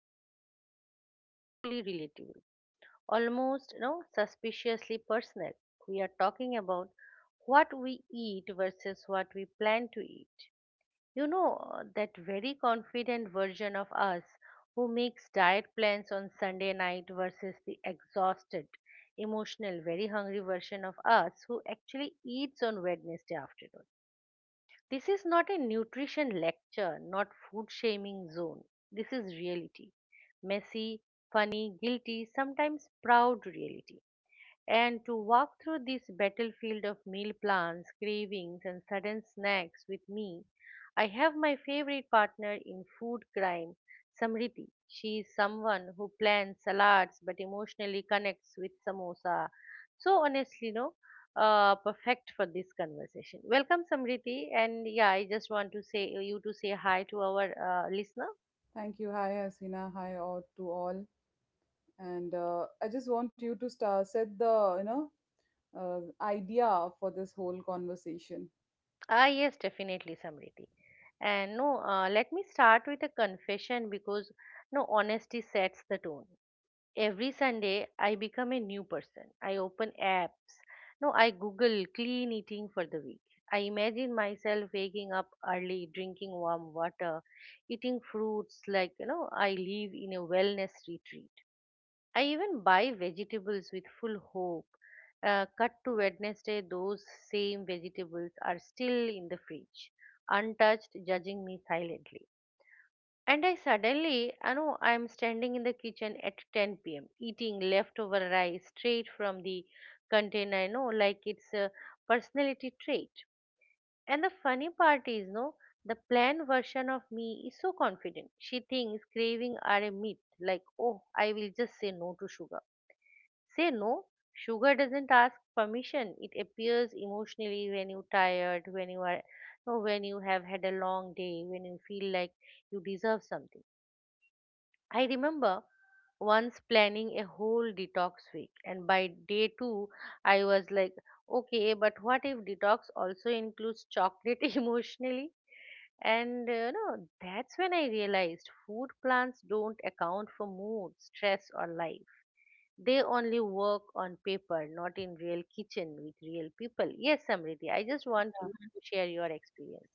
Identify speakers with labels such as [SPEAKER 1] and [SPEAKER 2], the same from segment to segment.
[SPEAKER 1] Today's topic is painfully relatable, almost suspiciously personal. We are talking about what we eat versus what we plan to eat. You know, that very confident version of us who makes diet plans on Sunday night versus the exhausted, emotional, very hungry version of us who actually eats on Wednesday afternoon. This is not a nutrition lecture, not food shaming zone. This is reality. Messy, funny, guilty, sometimes proud reality, and to walk through this battlefield of meal plans, cravings, and sudden snacks with me. I have my favorite partner in food crime, Samriti. She is someone who plans salads but emotionally connects with samosa. So honestly, no, perfect for this conversation. Welcome, Samriti, and yeah, I just want to say you to say hi to our listener.
[SPEAKER 2] Thank you. Hi, Hasina. Hi, all to all. And I just want you to start set the idea for this whole conversation.
[SPEAKER 1] Ah, yes, definitely, Samriti. And no, let me start with a confession because no, honesty sets the tone. Every Sunday, I become a new person. I open apps. No, I Google clean eating for the week. I imagine myself waking up early, drinking warm water, eating fruits like, you know, I live in a wellness retreat. I even buy vegetables with full hope. Cut to Wednesday, those same vegetables are still in the fridge, untouched, judging me silently. And I suddenly, I know I'm standing in the kitchen at 10 p.m., eating leftover rice straight from the container, I know, like it's a personality trait. And the funny part is, no, the planned version of me is so confident. She thinks craving are a myth, like, oh, I will just say no to sugar. Say no. Sugar doesn't ask permission. It appears emotionally when you're tired, when you are, no, when you have had a long day, when you feel like you deserve something. I remember once planning a whole detox week, and by day two, I was like, okay, but what if detox also includes chocolate emotionally? And no, that's when I realized food plans don't account for mood, stress, or life. They only work on paper, not in real kitchen with real people. Yes, Samriti, I just want you to share your experiences.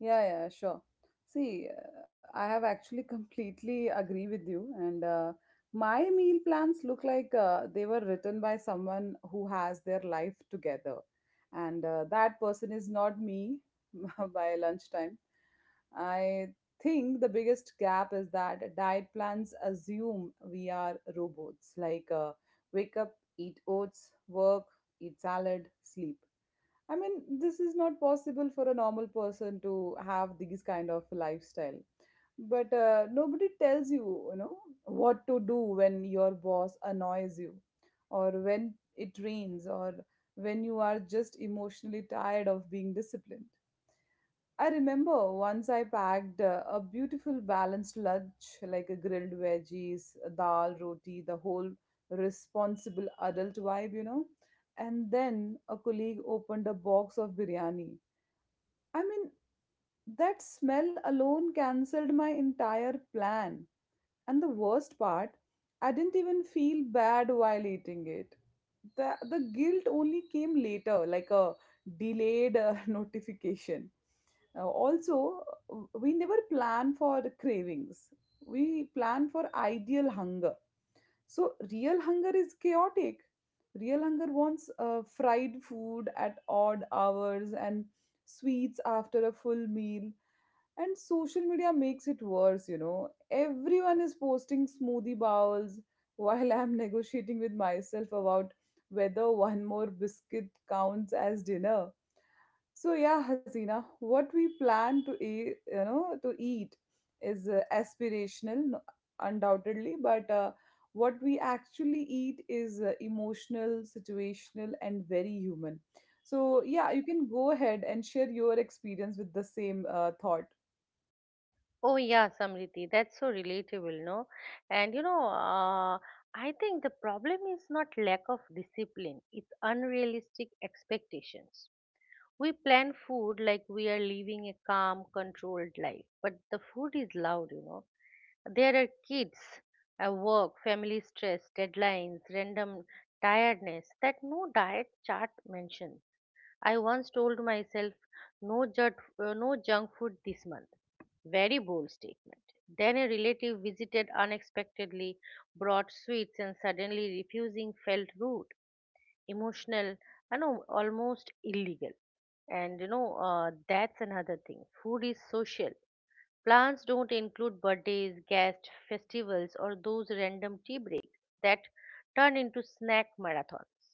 [SPEAKER 2] Yeah, yeah, sure. See, I have actually completely agree with you, and my meal plans look like they were written by someone who has their life together, and that person is not me by lunchtime. I think the biggest gap is that diet plans assume we are robots, like wake up, eat oats, work, eat salad, sleep. I mean, this is not possible for a normal person to have these kind of lifestyle. But nobody tells you, you know, what to do when your boss annoys you, or when it rains, or when you are just emotionally tired of being disciplined. I remember once I packed a beautiful balanced lunch like a grilled veggies, a dal, roti, the whole responsible adult vibe, you know. And then a colleague opened a box of biryani. I mean, that smell alone cancelled my entire plan. And the worst part, I didn't even feel bad while eating it. The guilt only came later, like a delayed notification. Also, we never plan for cravings, we plan for ideal hunger. So, real hunger is chaotic. Real hunger wants fried food at odd hours and sweets after a full meal. And social media makes it worse, you know. Everyone is posting smoothie bowls while I'm negotiating with myself about whether one more biscuit counts as dinner. So yeah, Hasina, what we plan to eat, to eat is aspirational, undoubtedly, but what we actually eat is emotional, situational, and very human. So yeah, you can go ahead and share your experience with the same thought.
[SPEAKER 1] Oh yeah, Samriti, that's so relatable, no? And you know, I think the problem is not lack of discipline; it's unrealistic expectations. We plan food like we are living a calm, controlled life, but the food is loud, you know. There are kids, work, family stress, deadlines, random tiredness that no diet chart mentions. I once told myself, no, no junk food this month. Very bold statement. Then a relative visited unexpectedly, brought sweets, and suddenly refusing felt rude, emotional, I know almost illegal. And you know, that's another thing. Food is social. Plans don't include birthdays, guests, festivals, or those random tea breaks that turn into snack marathons.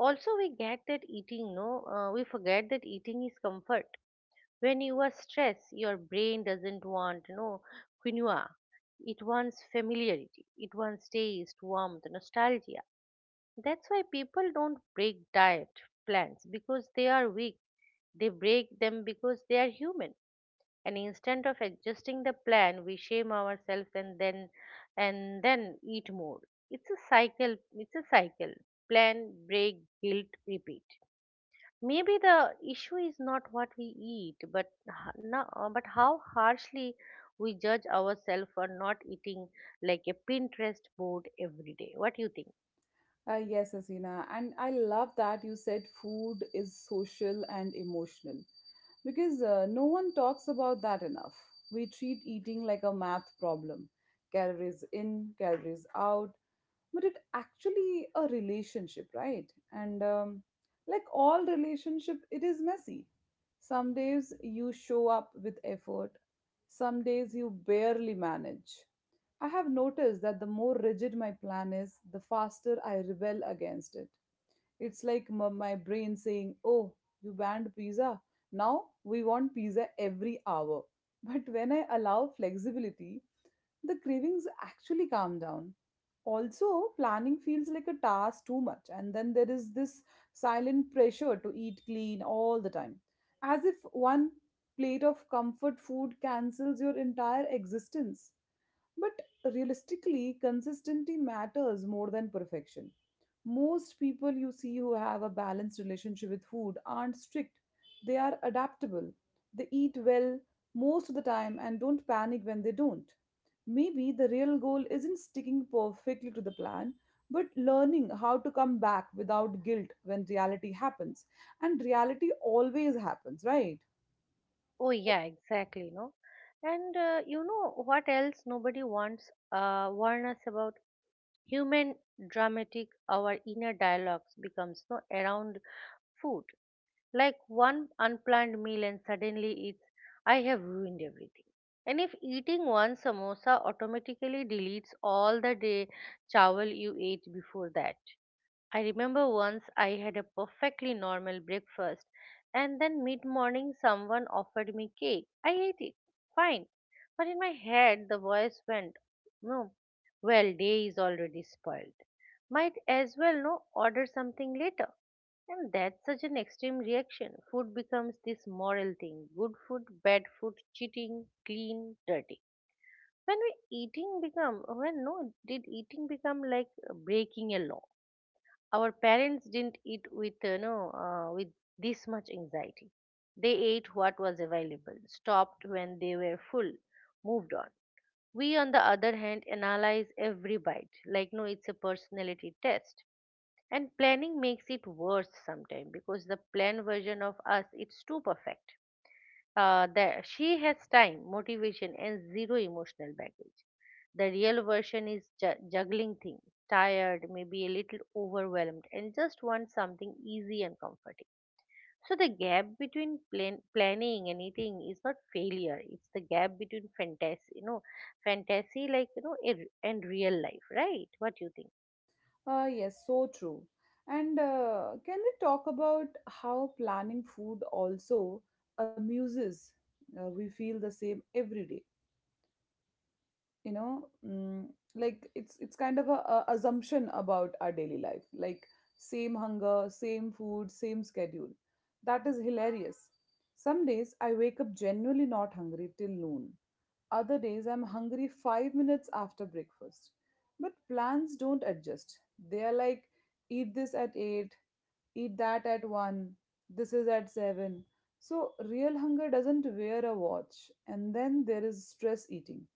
[SPEAKER 1] Also, we get that eating, no we forget that eating is comfort. When you are stressed, your brain doesn't want, you know, quinoa. It wants familiarity, it wants taste, warmth, nostalgia. That's why people don't break diet plans because they are weak. They break them because they are human. And instead of adjusting the plan, we shame ourselves and then eat more. It's a cycle. It's a cycle. Plan, break, guilt, repeat. Maybe the issue is not what we eat, but h- no, but how harshly we judge ourselves for not eating like a Pinterest board every day. What do you think?
[SPEAKER 2] Yes, Asina, and I love that you said food is social and emotional because no one talks about that enough. We treat eating like a math problem, calories in, calories out, but it actually a relationship, right? And like all relationship, it is messy. Some days you show up with effort, some days you barely manage. I have noticed that the more rigid my plan is, the faster I rebel against it. It's like my brain saying, "Oh, you banned pizza. Now we want pizza every hour." But when I allow flexibility, the cravings actually calm down. Also, planning feels like a task too much, and then there is this silent pressure to eat clean all the time, as if one plate of comfort food cancels your entire existence. But realistically, consistency matters more than perfection. Most people you see who have a balanced relationship with food aren't strict, they are adaptable. They eat well most of the time and don't panic when they don't. Maybe the real goal isn't sticking perfectly to the plan, but learning how to come back without guilt when reality happens. And reality always happens, right?
[SPEAKER 1] Oh yeah, exactly, no. And you know what else nobody wants warn us about human dramatic our inner dialogues becomes no around food. Like one unplanned meal and suddenly it's, I have ruined everything. And if eating one samosa automatically deletes all the day chawal you ate before that, I remember once I had a perfectly normal breakfast, and then mid morning someone offered me cake. I ate it, fine, but in my head the voice went, no, well, day is already spoiled. Might as well no order something later. And that's such an extreme reaction. Food becomes this moral thing, good food, bad food, cheating, clean, dirty. When we eating become when no did eating become like breaking a law? Our parents didn't eat with you know with this much anxiety. They ate what was available, stopped when they were full, moved on. We, on the other hand, analyze every bite like no, it's a personality test. And planning makes it worse sometimes because the planned version of us it's too perfect. That she has time, motivation, and zero emotional baggage. The real version is juggling things, tired, maybe a little overwhelmed, and just wants something easy and comforting. So the gap between planning and eating is not failure; it's the gap between fantasy, you know, fantasy like you know, and real life, right? What you think?
[SPEAKER 2] Yes, so true. And can we talk about how planning food also amuses? We feel the same every day, you know, like it's kind of a assumption about our daily life, like same hunger, same food, same schedule. That is hilarious. Some days I wake up genuinely not hungry till noon, other days, I'm hungry 5 minutes after breakfast. But plans don't adjust. They are like, eat this at 8, eat that at 1, this is at 7. So, real hunger doesn't wear a watch. And then there is stress eating,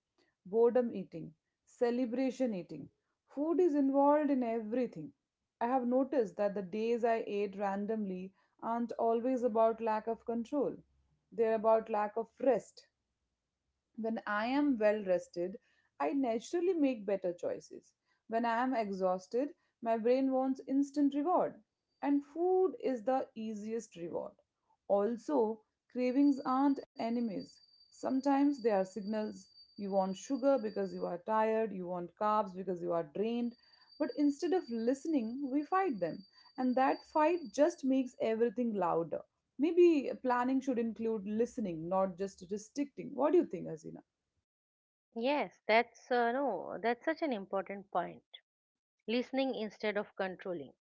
[SPEAKER 2] boredom eating, celebration eating. Food is involved in everything. I have noticed that the days I ate randomly aren't always about lack of control. They're about lack of rest. When I am well rested, I naturally make better choices. When I am exhausted, my brain wants instant reward. And food is the easiest reward. Also, cravings aren't enemies. Sometimes they are signals. You want sugar because you are tired, you want carbs because you are drained. But instead of listening, we fight them. And that fight just makes everything louder. Maybe planning should include listening, not just restricting. What do you think, Hasina?
[SPEAKER 1] Yes, that's no, that's such an important point. Listening instead of controlling.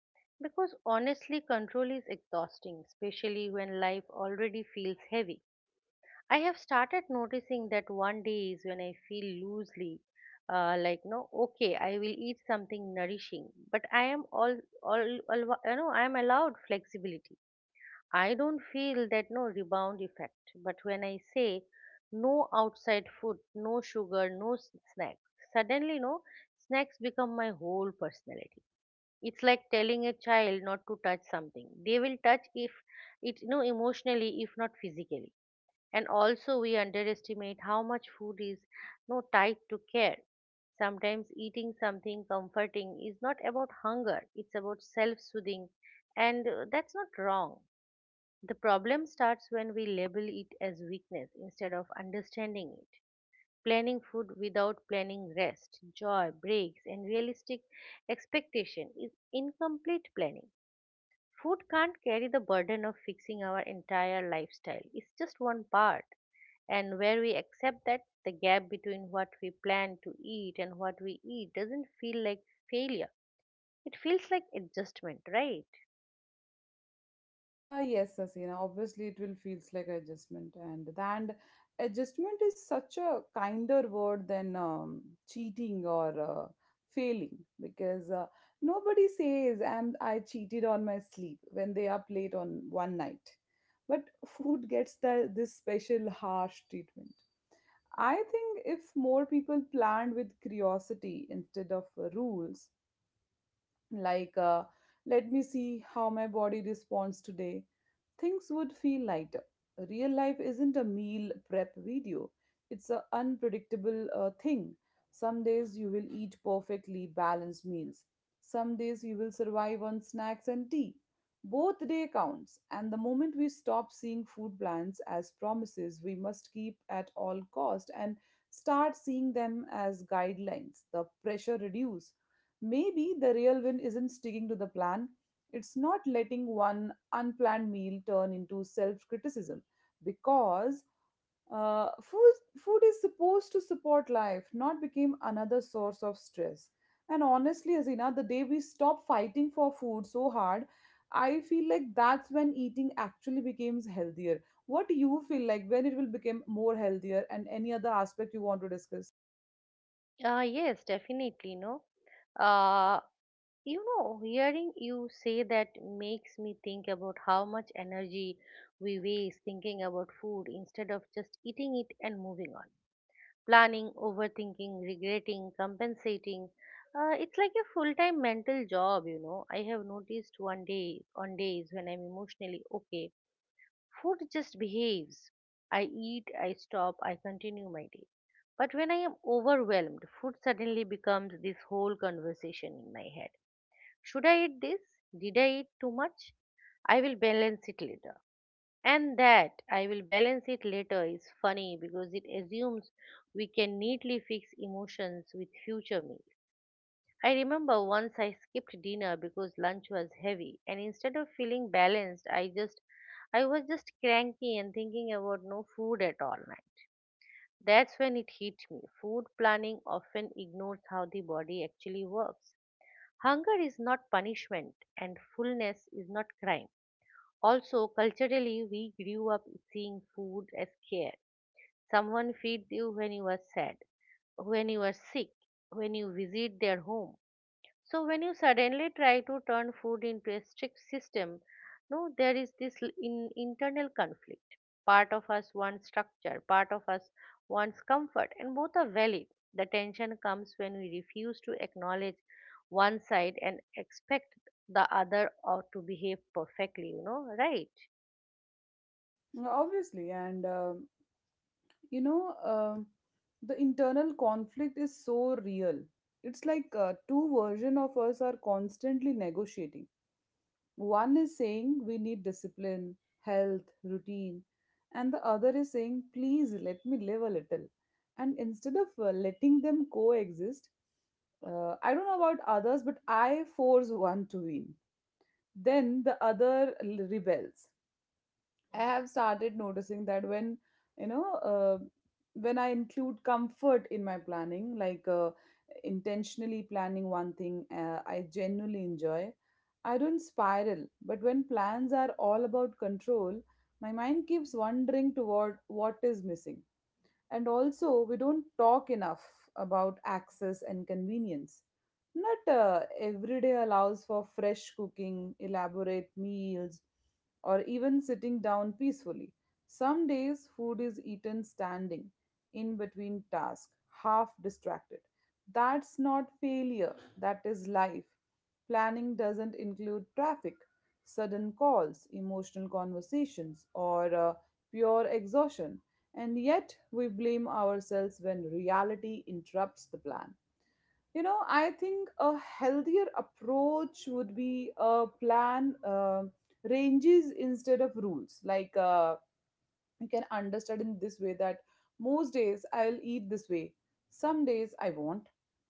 [SPEAKER 1] Because honestly, control is exhausting, especially when life already feels heavy. I have started noticing that one days when I feel loosely, like no, okay, I will eat something nourishing, but I am all, all, all, you know, I am allowed flexibility. I don't feel that no rebound effect. But when I say no outside food, no sugar, snacks, suddenly no snacks become my whole personality. It's like telling a child not to touch something. They will touch if it no emotionally, if not physically. And also, we underestimate how much food is no tied to care. Sometimes eating something comforting is not about hunger, it's about self soothing. And that's not wrong. The problem starts when we label it as weakness instead of understanding it. Planning food without planning rest, joy breaks, and realistic expectation is incomplete planning. Food can't carry the burden of fixing our entire lifestyle. It's just one part. And where we accept that, the gap between what we plan to eat and what we eat doesn't feel like failure. It feels like adjustment, right?
[SPEAKER 2] Yes, Asina. Obviously, it will feels like adjustment, and adjustment is such a kinder word than cheating or failing because nobody says "and I cheated on my sleep" when they are late on one night, but food gets this special harsh treatment. I think if more people planned with curiosity instead of rules, like let me see how my body responds today, things would feel lighter. Real life isn't a meal prep video, it's an unpredictable thing. Some days you will eat perfectly balanced meals, some days you will survive on snacks and tea. Both day counts, and the moment we stop seeing food plans as promises we must keep at all cost and start seeing them as guidelines, the pressure reduces. Maybe the real win isn't sticking to the plan. It's not letting one unplanned meal turn into self criticism, because food is supposed to support life, not become another source of stress. And honestly, Azina, the day we stop fighting for food so hard, I feel like that's when eating actually becomes healthier. What do you feel like when it will become more healthier, and any other aspect you want to discuss?
[SPEAKER 1] Yes, definitely. No, uh, you know, hearing you say that makes me think about how much energy we waste thinking about food instead of just eating it and moving on. Planning, overthinking, regretting, compensating. It's like a full-time mental job, you know. I have noticed one day on days when I'm emotionally okay, food just behaves. I eat, I stop, I continue my day. But when I am overwhelmed, food suddenly becomes this whole conversation in my head. Should I eat this? Did I eat too much? I will balance it later. And that I will balance it later is funny because it assumes we can neatly fix emotions with future meals. I remember once I skipped dinner because lunch was heavy, and instead of feeling balanced I just I was just cranky and thinking about no food at all night. That's when it hit me. Food planning often ignores how the body actually works. Hunger is not punishment and fullness is not crime. Also, culturally, we grew up seeing food as care. Someone feeds you when you are sad, when you are sick, when you visit their home. So, when you suddenly try to turn food into a strict system, no, there is this in, internal conflict. Part of us wants structure, part of us wants comfort, and both are valid. The tension comes when we refuse to acknowledge one side and expect the other or to behave perfectly, you know, right?
[SPEAKER 2] Obviously, and you know um the internal conflict is so real. It's like two versions of us are constantly negotiating. One is saying we need discipline, health routine, and the other is saying please let me live a little. And instead of letting them coexist, I don't know about others, but I force one to win, then the other rebels. I have started noticing that when you know uh, when I include comfort in my planning, like intentionally planning one thing I genuinely enjoy, I don't spiral. But when plans are all about control, my mind keeps wandering toward what is missing. And also, we don't talk enough about access and convenience. Not every day allows for fresh cooking, elaborate meals, or even sitting down peacefully. Some days, food is eaten standing, in between tasks, half distracted. That's not failure, that is life. Planning doesn't include traffic, sudden calls, emotional conversations, or pure exhaustion. And yet, we blame ourselves when reality interrupts the plan. You know, I think a healthier approach would be a plan ranges instead of rules. Like, you can understand in this way that most days I'll eat this way, some days I won't.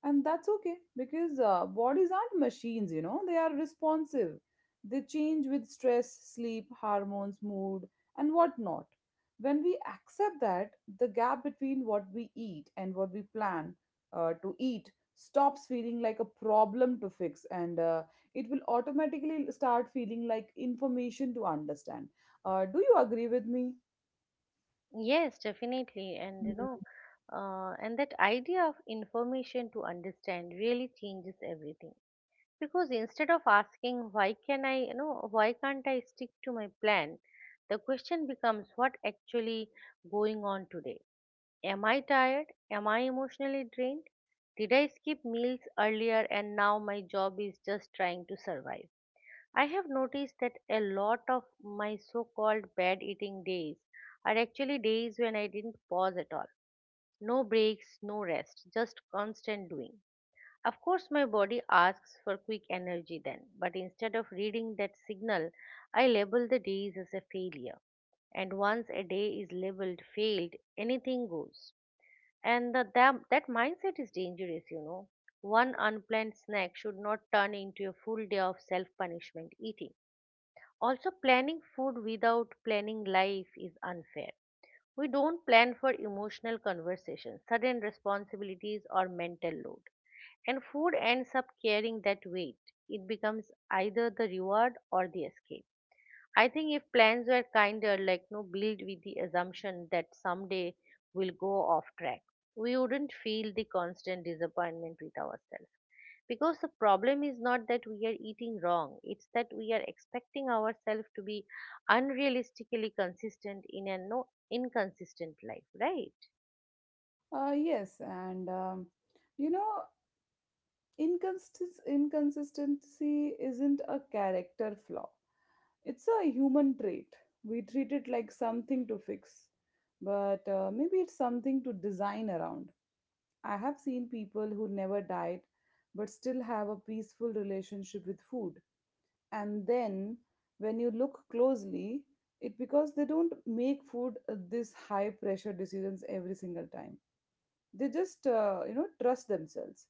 [SPEAKER 2] And that's okay because bodies aren't machines, you know, they are responsive. They change with stress, sleep, hormones, mood, and whatnot. When we accept that, the gap between what we eat and what we plan to eat stops feeling like a problem to fix, and it will automatically start feeling like information to understand. Do you agree with me?
[SPEAKER 1] Yes, definitely. And you know,
[SPEAKER 2] Mhm.
[SPEAKER 1] and that idea of information to understand really changes everything. Because instead of asking, why can I, you know, why can't I stick to my plan? The question becomes, what actually going on today? Am I tired? Am I emotionally drained? Did I skip meals earlier and now my job is just trying to survive? I have noticed that a lot of my so called bad eating days are actually days when I didn't pause at all. No breaks, no rest, just constant doing. Of course, my body asks for quick energy then, but instead of reading that signal, I label the days as a failure. And once a day is labeled failed, anything goes. And that mindset is dangerous, you know. One unplanned snack should not turn into a full day of self punishment eating. Also, planning food without planning life is unfair. We don't plan for emotional conversations, sudden responsibilities, or mental load. And food ends up carrying that weight. It becomes either the reward or the escape. I think if plans were kinder, like no build with the assumption that someday we'll go off track, we wouldn't feel the constant disappointment with ourselves. Because the problem is not that we are eating wrong, it's that we are expecting ourselves to be unrealistically consistent in a no inconsistent life, right?
[SPEAKER 2] Yes, and you know, inconsistency isn't a character flaw, it's a human trait. We treat it like something to fix, but maybe it's something to design around. I have seen people who never diet but still have a peaceful relationship with food. And then when you look closely, it because they don't make food this high pressure decisions every single time. They just you know, trust themselves.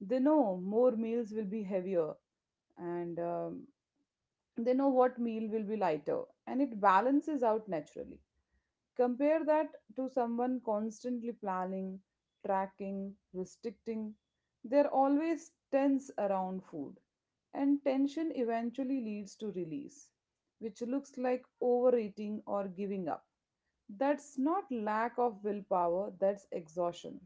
[SPEAKER 2] They know more meals will be heavier, and they know what meal will be lighter, and it balances out naturally. Compare that to someone constantly planning, tracking, restricting. They're always tense around food, and tension eventually leads to release, which looks like overeating or giving up. That's not lack of willpower, that's exhaustion.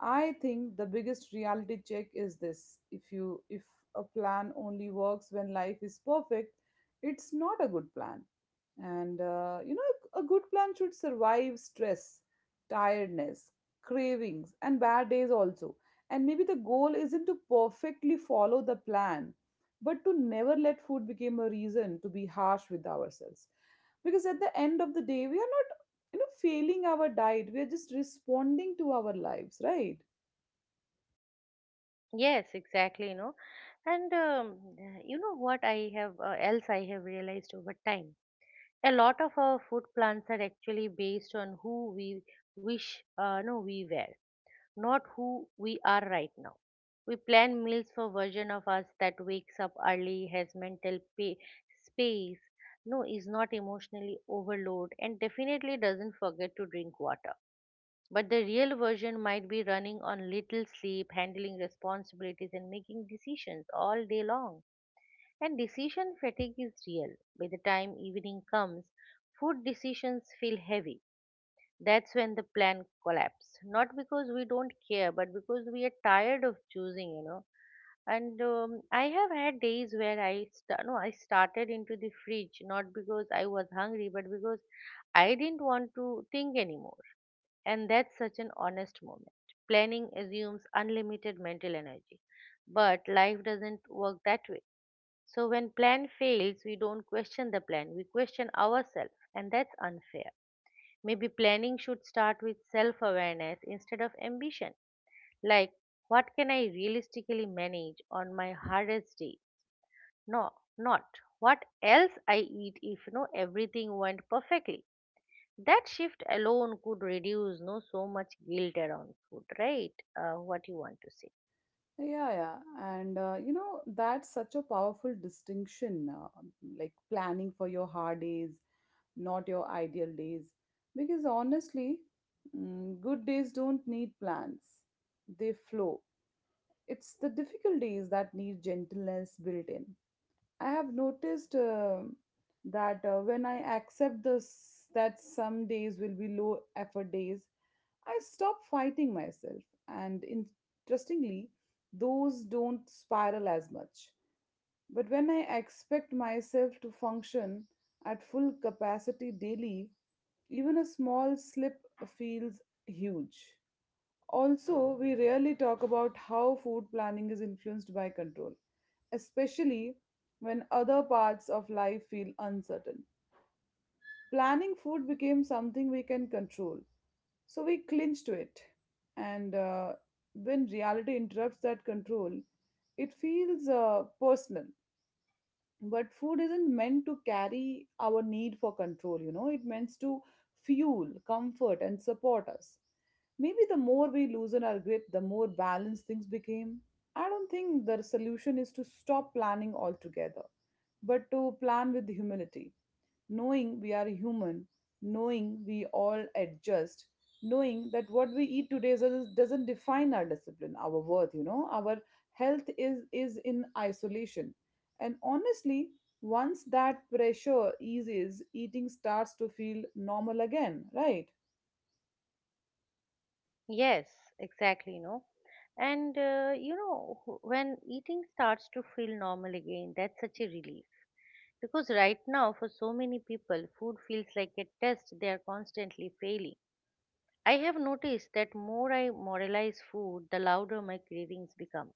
[SPEAKER 2] I think the biggest reality check is this. If a plan only works when life is perfect, it's not a good plan. And you know, a good plan should survive stress, tiredness, cravings, and bad days also. And maybe the goal isn't to perfectly follow the plan, but to never let food become a reason to be harsh with ourselves. Because at the end of the day, we are not, you know, failing our diet. We are just responding to our lives, right?
[SPEAKER 1] Yes, exactly, you know. And you know what I have else I have realized over time. A lot of our food plans are actually based on who we wish we were, not who we are right now. We plan meals for version of us that wakes up early, has mental space, no, is not emotionally overloaded, and definitely doesn't forget to drink water. But the real version might be running on little sleep, handling responsibilities, and making decisions all day long. And decision fatigue is real. By the time evening comes, food decisions feel heavy. That's when the plan collapses, not because we don't care but because we are tired of choosing, you know. And I have had days where I st- no I started into the fridge not because I was hungry but because I didn't want to think anymore. And that's such an honest moment. Planning assumes unlimited mental energy, but life doesn't work that way. So when plan fails, we don't question the plan, we question ourselves, and that's unfair. Maybe planning should start with self awareness instead of ambition. Like, what can I realistically manage on my hardest day? No, not what else I eat if no everything went perfectly. That shift alone could reduce no so much guilt around food, right? What you want to say?
[SPEAKER 2] Yeah, yeah. And you know, that's such a powerful distinction, like planning for your hard days, not your ideal days. Because honestly, good days don't need plans, they flow. It's the difficult days that need gentleness built in. I have noticed that when I accept this, that some days will be low effort days, I stop fighting myself. And interestingly, those don't spiral as much. But when I expect myself to function at full capacity daily, even a small slip feels huge. Also, we rarely talk about how food planning is influenced by control, especially when other parts of life feel uncertain. Planning food became something we can control, so we clinch to it. And When reality interrupts that control, it feels personal, but food isn't meant to carry our need for control, it meant to fuel comfort and support us. Maybe the more we loosen our grip, the more balanced things became. I don't think the solution is to stop planning altogether, but to plan with humility, knowing we are human, knowing we all adjust, knowing that what we eat today doesn't define our discipline, our worth, our health is in isolation. And honestly, once that pressure eases, eating starts to feel normal again, right?
[SPEAKER 1] Yes, exactly. No, and you know when eating starts to feel normal again, that's such a relief. Because right now, for so many people, food feels like a test they are constantly failing. I have noticed that more I moralize food, the louder my cravings become.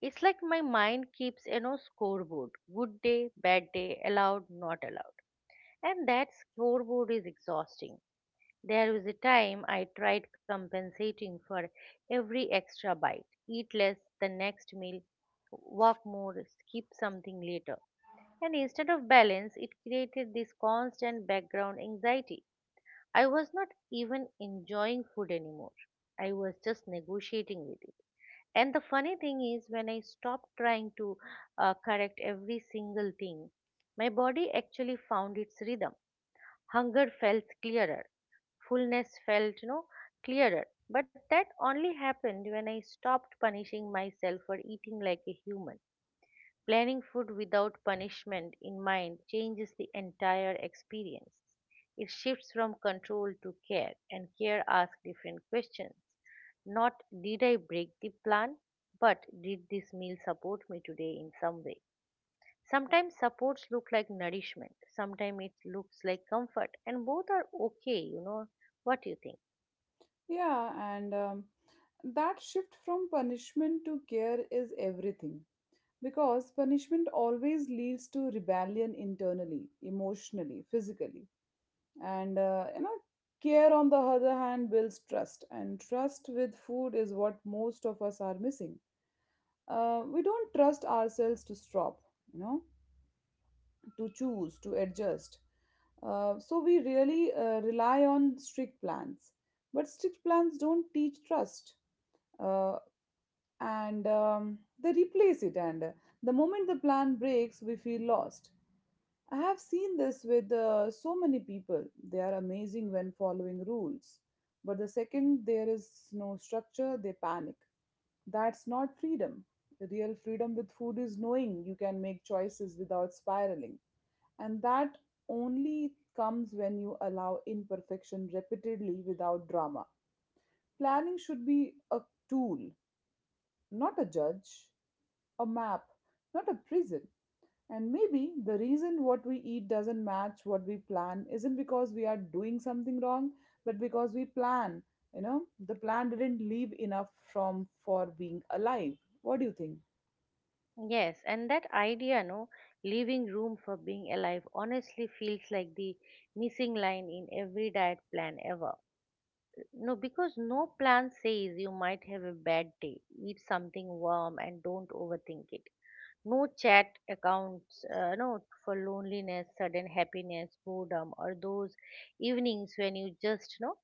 [SPEAKER 1] It's like my mind keeps a no scoreboard: good day, bad day, allowed, not allowed. And that scoreboard is exhausting. There was a time I tried compensating for every extra bite: eat less the next meal, walk more, skip something later. And instead of balance, it created this constant background anxiety. I was not even enjoying food anymore. I was just negotiating with it. And the funny thing is, when I stopped trying to correct every single thing, my body actually found its rhythm. Hunger felt clearer, fullness felt, you know, clearer. But that only happened when I stopped punishing myself for eating like a human. Planning food without punishment in mind changes the entire experience. It shifts from control to care, and care asks different questions. Not did I break the plan, but did this meal support me today in some way? Sometimes supports look like nourishment, sometimes it looks like comfort, and both are okay, you know. What do you think?
[SPEAKER 2] Yeah, and that shift from punishment to care is everything, because punishment always leads to rebellion, internally, emotionally, physically. And care, on the other hand, builds trust, and trust with food is what most of us are missing. We don't trust ourselves to stop, you know to choose, to adjust, so we really rely on strict plans, but strict plans don't teach trust. Uh, and They replace it, and the moment the plan breaks, we feel lost. I have seen this with so many people. They are amazing when following rules. But the second there is no structure, they panic. That's not freedom. The real freedom with food is knowing you can make choices without spiraling. And that only comes when you allow imperfection repeatedly without drama. Planning should be a tool, not a judge, a map, not a prison. And maybe the reason what we eat doesn't match what we plan isn't because we are doing something wrong, but because we plan. You know, the plan didn't leave enough from for being alive. What do you think?
[SPEAKER 1] Yes, and that idea, no, leaving room for being alive, honestly feels like the missing line in every diet plan ever. No, because no plan says you might have a bad day, eat something warm and don't overthink it. No chat accounts, no, for loneliness, sudden happiness, boredom, or those evenings when you just, no,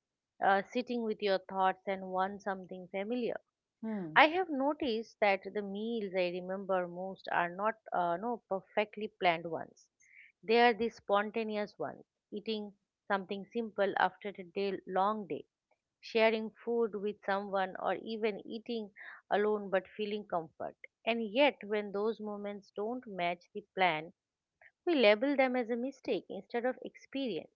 [SPEAKER 1] sitting with your thoughts and want something familiar.
[SPEAKER 2] Hmm.
[SPEAKER 1] I have noticed that the meals I remember most are not no perfectly planned ones. They are the spontaneous ones, eating something simple after a long day, sharing food with someone, or even eating alone but feeling comfort. And yet, when those moments don't match the plan, we label them as a mistake instead of experience.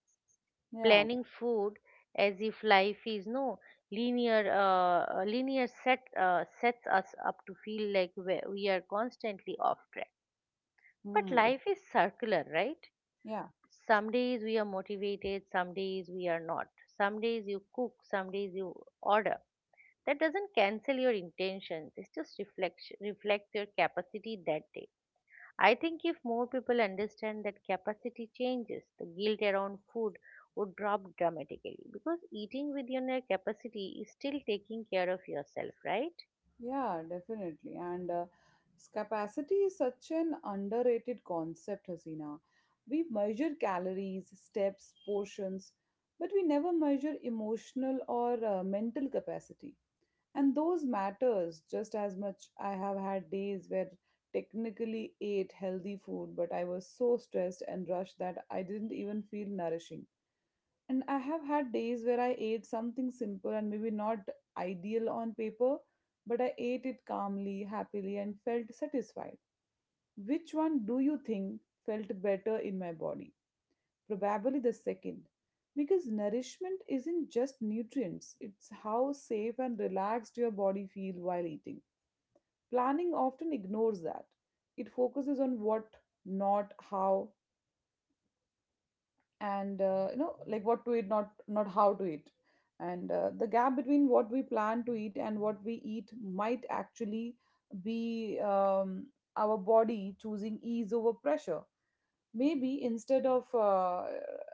[SPEAKER 2] Yeah.
[SPEAKER 1] Planning food as if life is no linear, linear sets us up to feel like we are constantly off track. But
[SPEAKER 2] Hmm.
[SPEAKER 1] life is circular, right?
[SPEAKER 2] Yeah.
[SPEAKER 1] Some days we are motivated, some days we are not. Some days you cook, some days you order. That doesn't cancel your intentions, it's just reflects your capacity that day. I think if more people understand that capacity changes, the guilt around food would drop dramatically, because eating within your capacity is still taking care of yourself, right?
[SPEAKER 2] Yeah. Definitely. And Capacity is such an underrated concept, Hasina. We measure calories, steps, portions, but we never measure emotional or mental capacity. And those matters just as much. I have had days where technically ate healthy food, but I was so stressed and rushed that I didn't even feel nourishing. And I have had days where I ate something simple and maybe not ideal on paper, but I ate it calmly, happily, and felt satisfied. Which one do you think felt better in my body? Probably the second, because nourishment isn't just nutrients, it's how safe and relaxed your body feels while eating. Planning often ignores that. It focuses on what, not how, like what to eat, not how to eat. And The gap between what we plan to eat and what we eat might actually be our body choosing ease over pressure. Maybe instead of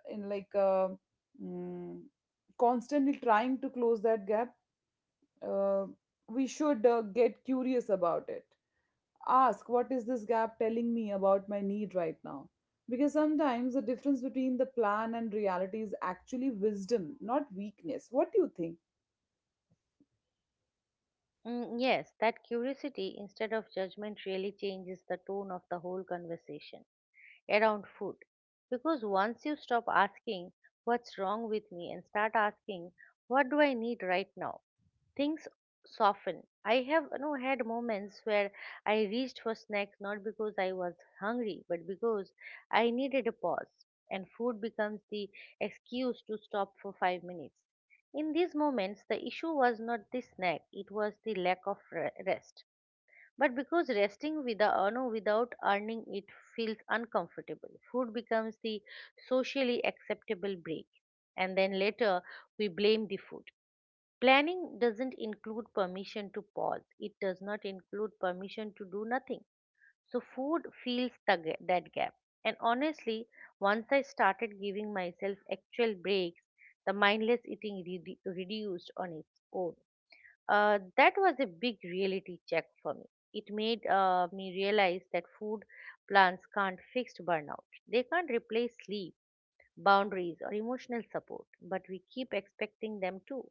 [SPEAKER 2] in like uh, mm, constantly trying to close that gap, uh, we should get curious about it, ask what is this gap telling me about my need right now, because sometimes the difference between the plan and reality is actually wisdom, not weakness. What do you think?
[SPEAKER 1] Mm, yes, that curiosity instead of judgment really changes the tone of the whole conversation around food. Because once you stop asking, what's wrong with me? And start asking, what do I need right now? Things soften. I have, you know, had moments where I reached for snacks not because I was hungry, but because I needed a pause, and food becomes the excuse to stop for 5 minutes. In these moments, the issue was not the snack, it was the lack of rest. But because resting without, without earning it feels uncomfortable, food becomes the socially acceptable break. And then later, we blame the food. Planning doesn't include permission to pause, it does not include permission to do nothing. So, food fills the that gap. And honestly, once I started giving myself actual breaks, the mindless eating reduced on its own. That was a big reality check for me. It made me realize that food plans can't fix burnout, they can't replace sleep, boundaries, or emotional support, but we keep expecting them to.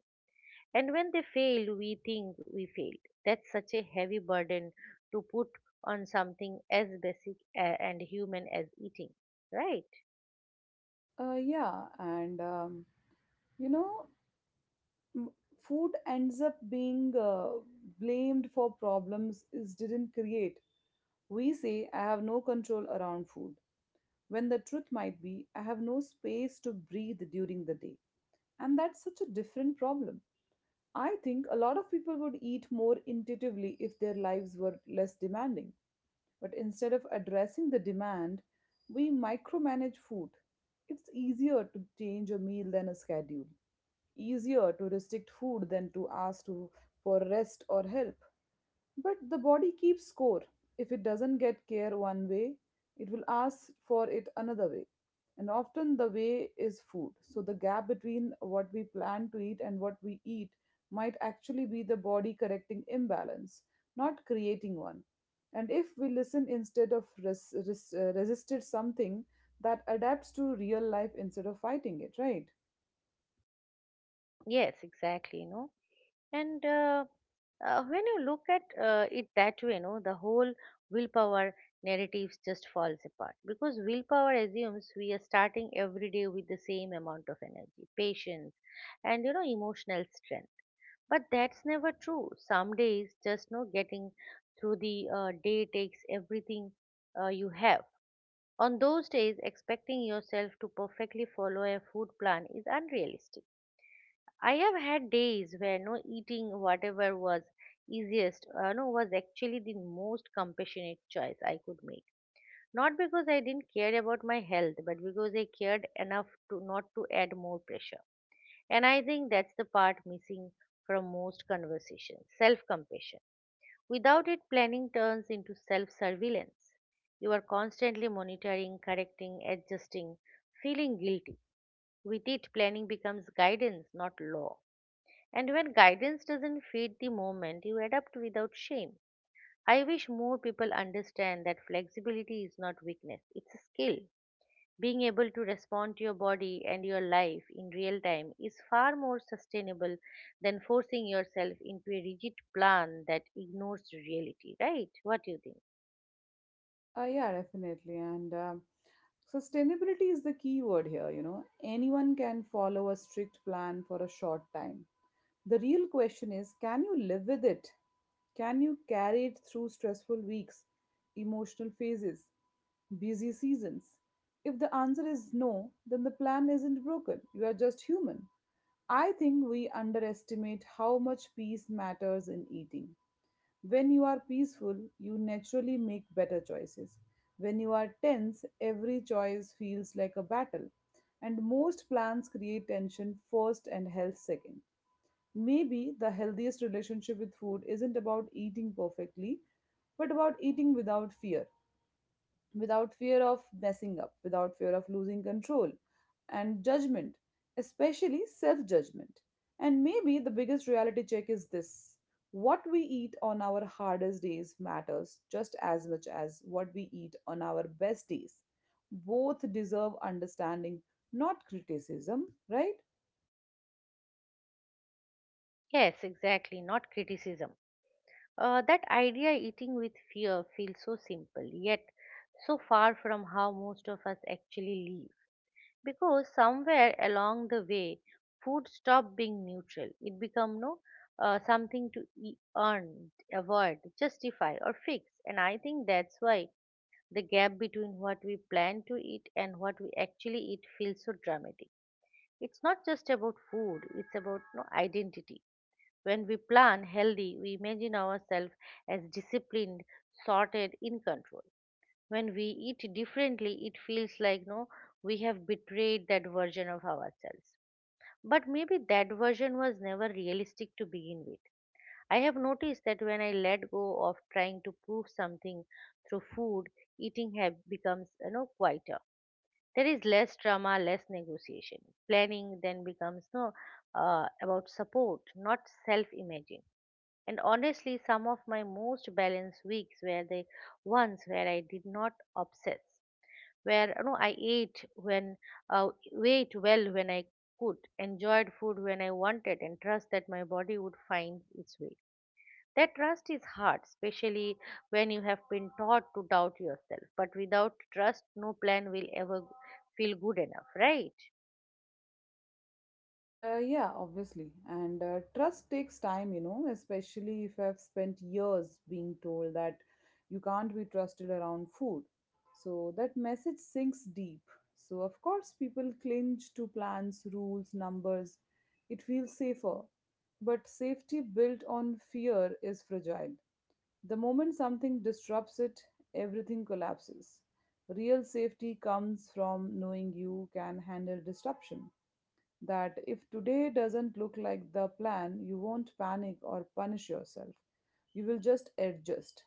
[SPEAKER 1] And when they fail, we think we failed. That's such a heavy burden to put on something as basic and human as eating, right?
[SPEAKER 2] Yeah and you know m- Food ends up being blamed for problems is didn't create. We say I have no control around food, when the truth might be I have no space to breathe during the day. And that's such a different problem. I think a lot of people would eat more intuitively if their lives were less demanding. But instead of addressing the demand, we micromanage food. It's easier to change a meal than a schedule, easier to restrict food than to ask to, for rest or help. But the body keeps score. If it doesn't get care one way, it will ask for it another way. And often the way is food. So the gap between what we plan to eat and what we eat might actually be the body correcting imbalance, not creating one. And if we listen instead of resisted something, that adapts to real life instead of fighting it, right?
[SPEAKER 1] Yes, exactly. You know, and when you look at it that way, you know, the whole willpower narratives just falls apart, because willpower assumes we are starting every day with the same amount of energy, patience, and, you know, emotional strength. But that's never true. Some days, just no getting through the day takes everything you have. On those days, expecting yourself to perfectly follow a food plan is unrealistic. I have had days where no eating whatever was easiest, no, was actually the most compassionate choice I could make. Not because I didn't care about my health, but because I cared enough to not to add more pressure. And I think that's the part missing from most conversations: self compassion. Without it, planning turns into self surveillance. You are constantly monitoring, correcting, adjusting, feeling guilty. With it, planning becomes guidance, not law. And when guidance doesn't fit the moment, you adapt without shame. I wish more people understand that flexibility is not weakness, it's a skill. Being able to respond to your body and your life in real time is far more sustainable than forcing yourself into a rigid plan that ignores reality, right? What do you think?
[SPEAKER 2] Yeah, definitely. And Sustainability is the key word here. You know, anyone can follow a strict plan for a short time. The real question is, can you live with it? Can you carry it through stressful weeks, emotional phases, busy seasons? If the answer is no, then the plan isn't broken. You are just human. I think we underestimate how much peace matters in eating. When you are peaceful, you naturally make better choices. When you are tense, every choice feels like a battle. And most plans create tension first and health second. Maybe the healthiest relationship with food isn't about eating perfectly, but about eating without fear, without fear of messing up, without fear of losing control and judgment, especially self judgment. And maybe the biggest reality check is this: what we eat on our hardest days matters just as much as what we eat on our best days. Both deserve understanding, not criticism, right?
[SPEAKER 1] Yes, exactly, not criticism. That idea, eating with fear, feels so simple, yet so far from how most of us actually, because somewhere along the way food stopped being neutral. It became no something to earn, avoid, justify, or fix. And I think that's why the gap between what we plan to eat and what we actually eat feels so dramatic. It's not just about food, it's about no identity. When we plan healthy, we imagine ourselves as disciplined, sorted, in control. When we eat differently, it feels like no we have betrayed that version of ourselves. But maybe that version was never realistic to begin with. I have noticed that when I let go of trying to prove something through food, eating have becomes, you know, quieter. There is less drama, less negotiation. Planning then becomes about support, not self imaging. And honestly, some of my most balanced weeks were the ones where I did not obsess, where, you know, I ate when uh, ate well when I could, enjoyed food when I wanted, and trust that my body would find its way. That trust is hard, especially when you have been taught to doubt yourself. But without trust, no plan will ever feel good enough, right?
[SPEAKER 2] Yeah, obviously. And Trust takes time, you know, especially if I've spent years being told that you can't be trusted around food. So that message sinks deep. So, of course, people cling to plans, rules, numbers. It feels safer. But safety built on fear is fragile. The moment something disrupts it, everything collapses. Real safety comes from knowing you can handle disruption, that if today doesn't look like the plan, you won't panic or punish yourself. You will just adjust.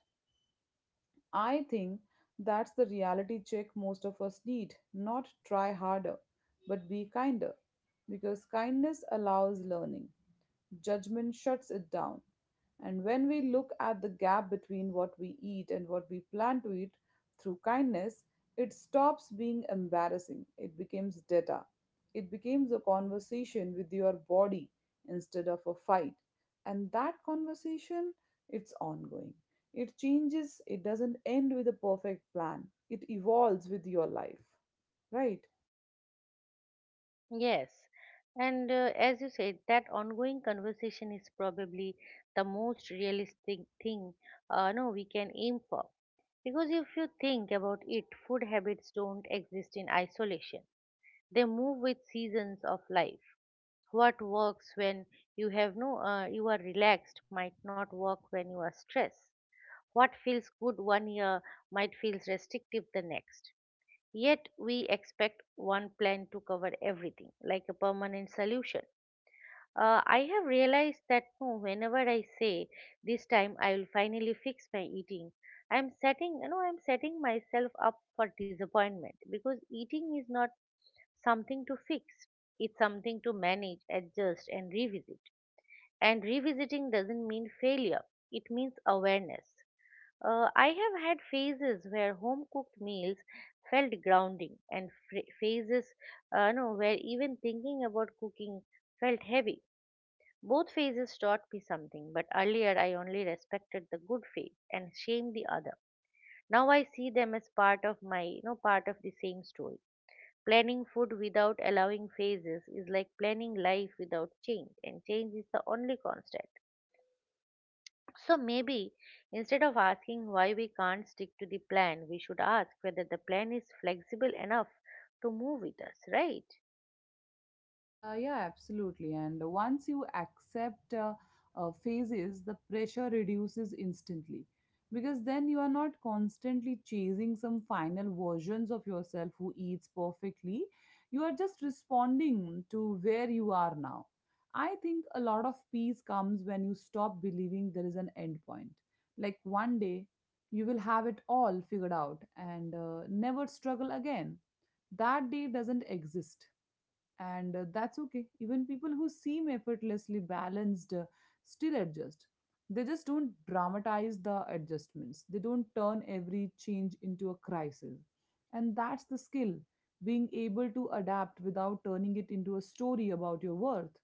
[SPEAKER 2] I think that's the reality check most of us need. Not try harder, but be kinder. Because kindness allows learning. Judgment shuts it down. And when we look at the gap between what we eat and what we plan to eat through kindness, it stops being embarrassing. It becomes data. It becomes a conversation with your body instead of a fight. And that conversation, it's ongoing. It changes, it doesn't end with a perfect plan. It evolves with your life. Right?
[SPEAKER 1] Yes, and as you said, that ongoing conversation is probably the most realistic thing no we can aim for. Because if you think about it, food habits don't exist in isolation. They move with seasons of life. What works when you have no you are relaxed might not work when you are stressed. What feels good one year might feel restrictive the next. Yet we expect one plan to cover everything, like a permanent solution. I have realized that no, whenever I say this time I will finally fix my eating, I'm setting myself up for disappointment, because eating is not something to fix. It's something to manage, adjust, and revisit. And revisiting doesn't mean failure. It means awareness. I have had phases where home cooked meals felt grounding, and phases no, where even thinking about cooking felt heavy. Both phases taught me something, but earlier I only respected the good phase and shamed the other. Now I see them as part of my, part of the same story. Planning food without allowing phases is like planning life without change, and change is the only constant. So maybe instead of asking why we can't stick to the plan, we should ask whether the plan is flexible enough to move with us, right?
[SPEAKER 2] Yeah, absolutely. And once you accept phases, the pressure reduces instantly, because then you are not constantly chasing some final versions of yourself who eats perfectly. You are just responding to where you are now. I think a lot of peace comes when you stop believing there is an end point. Like one day, you will have it all figured out and never struggle again. That day doesn't exist, and that's okay. Even people who seem effortlessly balanced still adjust. They just don't dramatize the adjustments, they don't turn every change into a crisis. And that's the skill, being able to adapt without turning it into a story about your worth.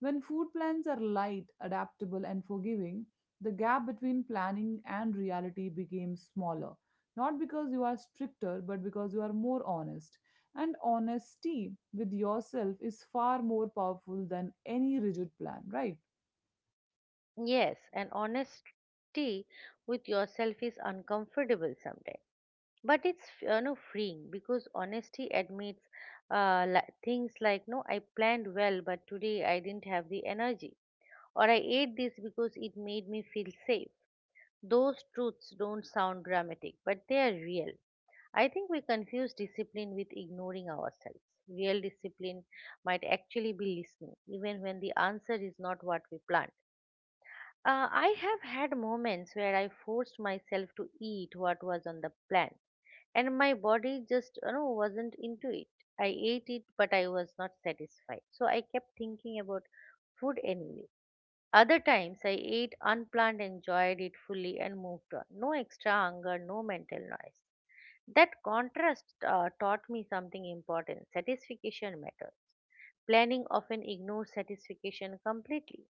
[SPEAKER 2] When food plans are light, adaptable, and forgiving, the gap between planning and reality becomes smaller. Not because you are stricter, but because you are more honest. And honesty with yourself is far more powerful than any rigid plan, right?
[SPEAKER 1] Yes, and honesty with yourself is uncomfortable sometimes. But it's freeing because honesty admits things like no, I planned well, but today I didn't have the energy, or I ate this because it made me feel safe. Those truths don't sound dramatic, but they are real. I think we confuse discipline with ignoring ourselves. Real discipline might actually be listening, even when the answer is not what we planned. I have had moments where I forced myself to eat what was on the plan, and my body just wasn't into it. I ate it, but I was not satisfied, so I kept thinking about food anyway. Other times I ate unplanned, enjoyed it fully, and moved on. No extra hunger, no mental noise. That contrast taught me something important: satisfaction matters. Planning often ignores satisfaction completely.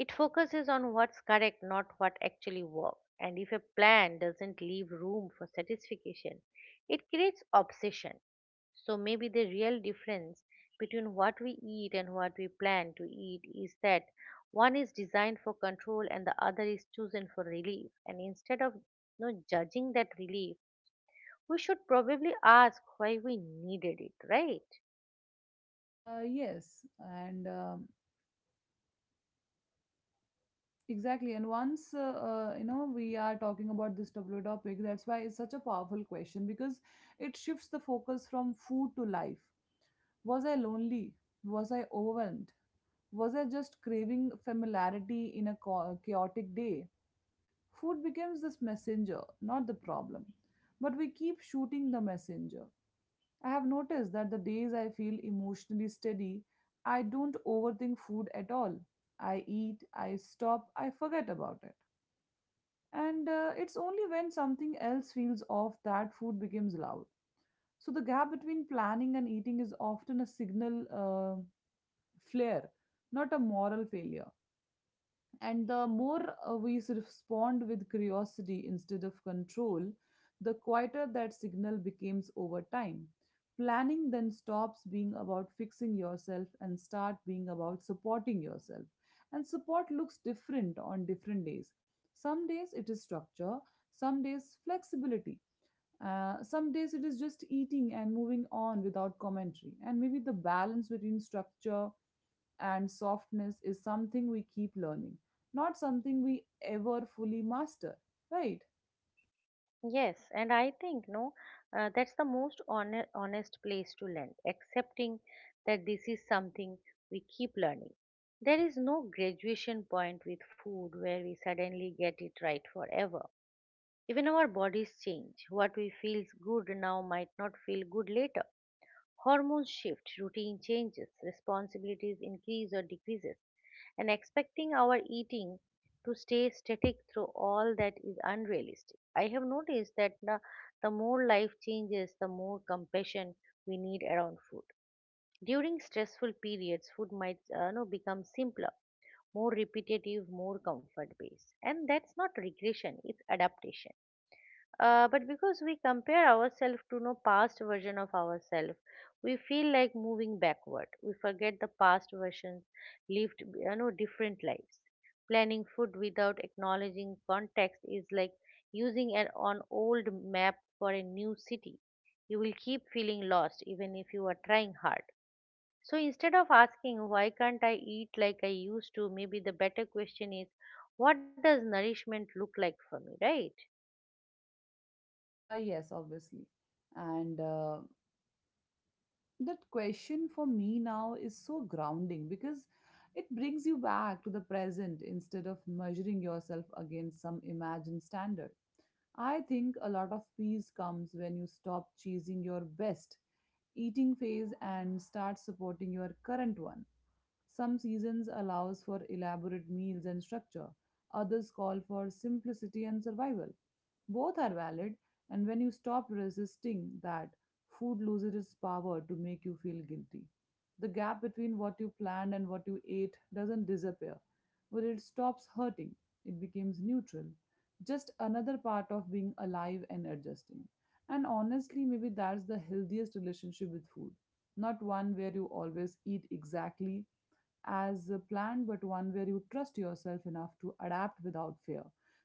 [SPEAKER 1] It focuses on what's correct, not what actually works. And if a plan doesn't leave room for satisfaction, it creates obsession. So maybe the real difference between what we eat and what we plan to eat is that one is designed for control and the other is chosen for relief. And instead of judging that relief, we should probably ask why we needed it, right?
[SPEAKER 2] Yes, and Exactly. And once, you know, we are talking about this W topic, that's why it's such a powerful question, because it shifts the focus from food to life. Was I lonely? Was I overwhelmed? Was I just craving familiarity in a chaotic day? Food becomes this messenger, not the problem. But we keep shooting the messenger. I have noticed that the days I feel emotionally steady, I don't overthink food at all. I eat, I stop, I forget about it. And It's only when something else feels off that food becomes loud. So the gap between planning and eating is often a signal flare, not a moral failure. And the more respond with curiosity instead of control, the quieter that signal becomes over time. Planning then stops being about fixing yourself and start being about supporting yourself. And support looks different on different days. Some days it is structure, some days flexibility, some days it is just eating and moving on without commentary. And maybe the balance between structure and softness is something we keep learning, not something we ever fully master, right?
[SPEAKER 1] Yes, and I think no, that's the most honest place to learn, accepting that this is something we keep learning. There is no graduation point with food where we suddenly get it right forever. Even our bodies change. What we feels good now might not feel good later. Hormones shift, routine changes, responsibilities increase or decreases, and expecting our eating to stay static through all that is unrealistic. I have noticed that the more life changes, the more compassion we need around food. During stressful periods, food might become simpler, more repetitive, more comfort based. And that's not regression, it's adaptation. But because we compare ourselves to no past version of ourselves, we feel like moving backward. We forget the past versions lived, different lives. Planning food without acknowledging context is like using an on old map for a new city. You will keep feeling lost even if you are trying hard. So instead of asking why can't I eat like I used to, maybe the better question is, what does nourishment look like for me, right?
[SPEAKER 2] Yes, obviously. And That question for me now is so grounding, because it brings you back to the present instead of measuring yourself against some imagined standard. I think a lot of peace comes when you stop chasing your best eating phase and start supporting your current one. Some seasons allows for elaborate meals and structure. Others call for simplicity and survival. Both are valid, and when you stop resisting that, food loses its power to make you feel guilty. The gap between what you planned and what you ate doesn't disappear, but it stops hurting. It becomes neutral. Just another part of being alive and adjusting. And honestly, maybe that's the healthiest relationship with food. Not one where you always eat exactly as planned, but one where you trust yourself enough to adapt without fear.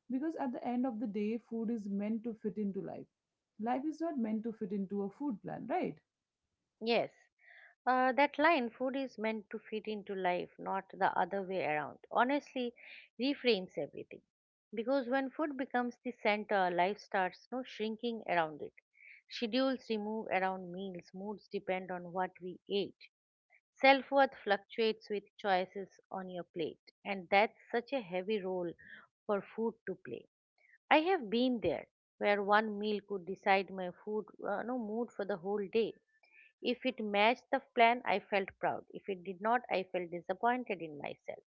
[SPEAKER 2] Because at the end of the day, food is meant to fit into life. Life is not meant to fit into a food plan, right?
[SPEAKER 1] Yes. That line, food is meant to fit into life, not the other way around, honestly reframes everything. Because when food becomes the center, life starts no shrinking around it. Schedules remove around meals, moods depend on what we ate. Self worth fluctuates with choices on your plate, and that's such a heavy role for food to play. I have been there where one meal could decide my food no mood for the whole day. If it matched the plan, I felt proud. If it did not, I felt disappointed in myself.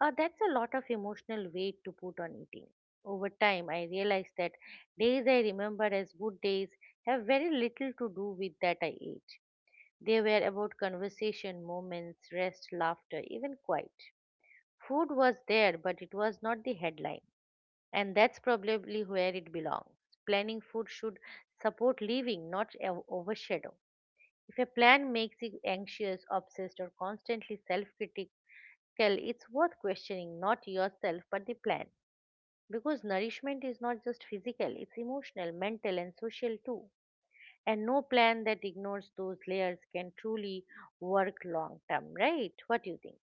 [SPEAKER 1] That's a lot of emotional weight to put on eating. Over time, I realized that days I remember as good days have very little to do with that I ate. They were about conversation, moments, rest, laughter, even quiet. Food was there, but it was not the headline. And that's probably where it belongs. Planning food should support living, not overshadow. If a plan makes you anxious, obsessed, or constantly self critical, it's worth questioning not yourself but the plan. Because nourishment is not just physical, it's emotional, mental, and social too. And no plan that ignores those layers can truly work long term, right? What do you think?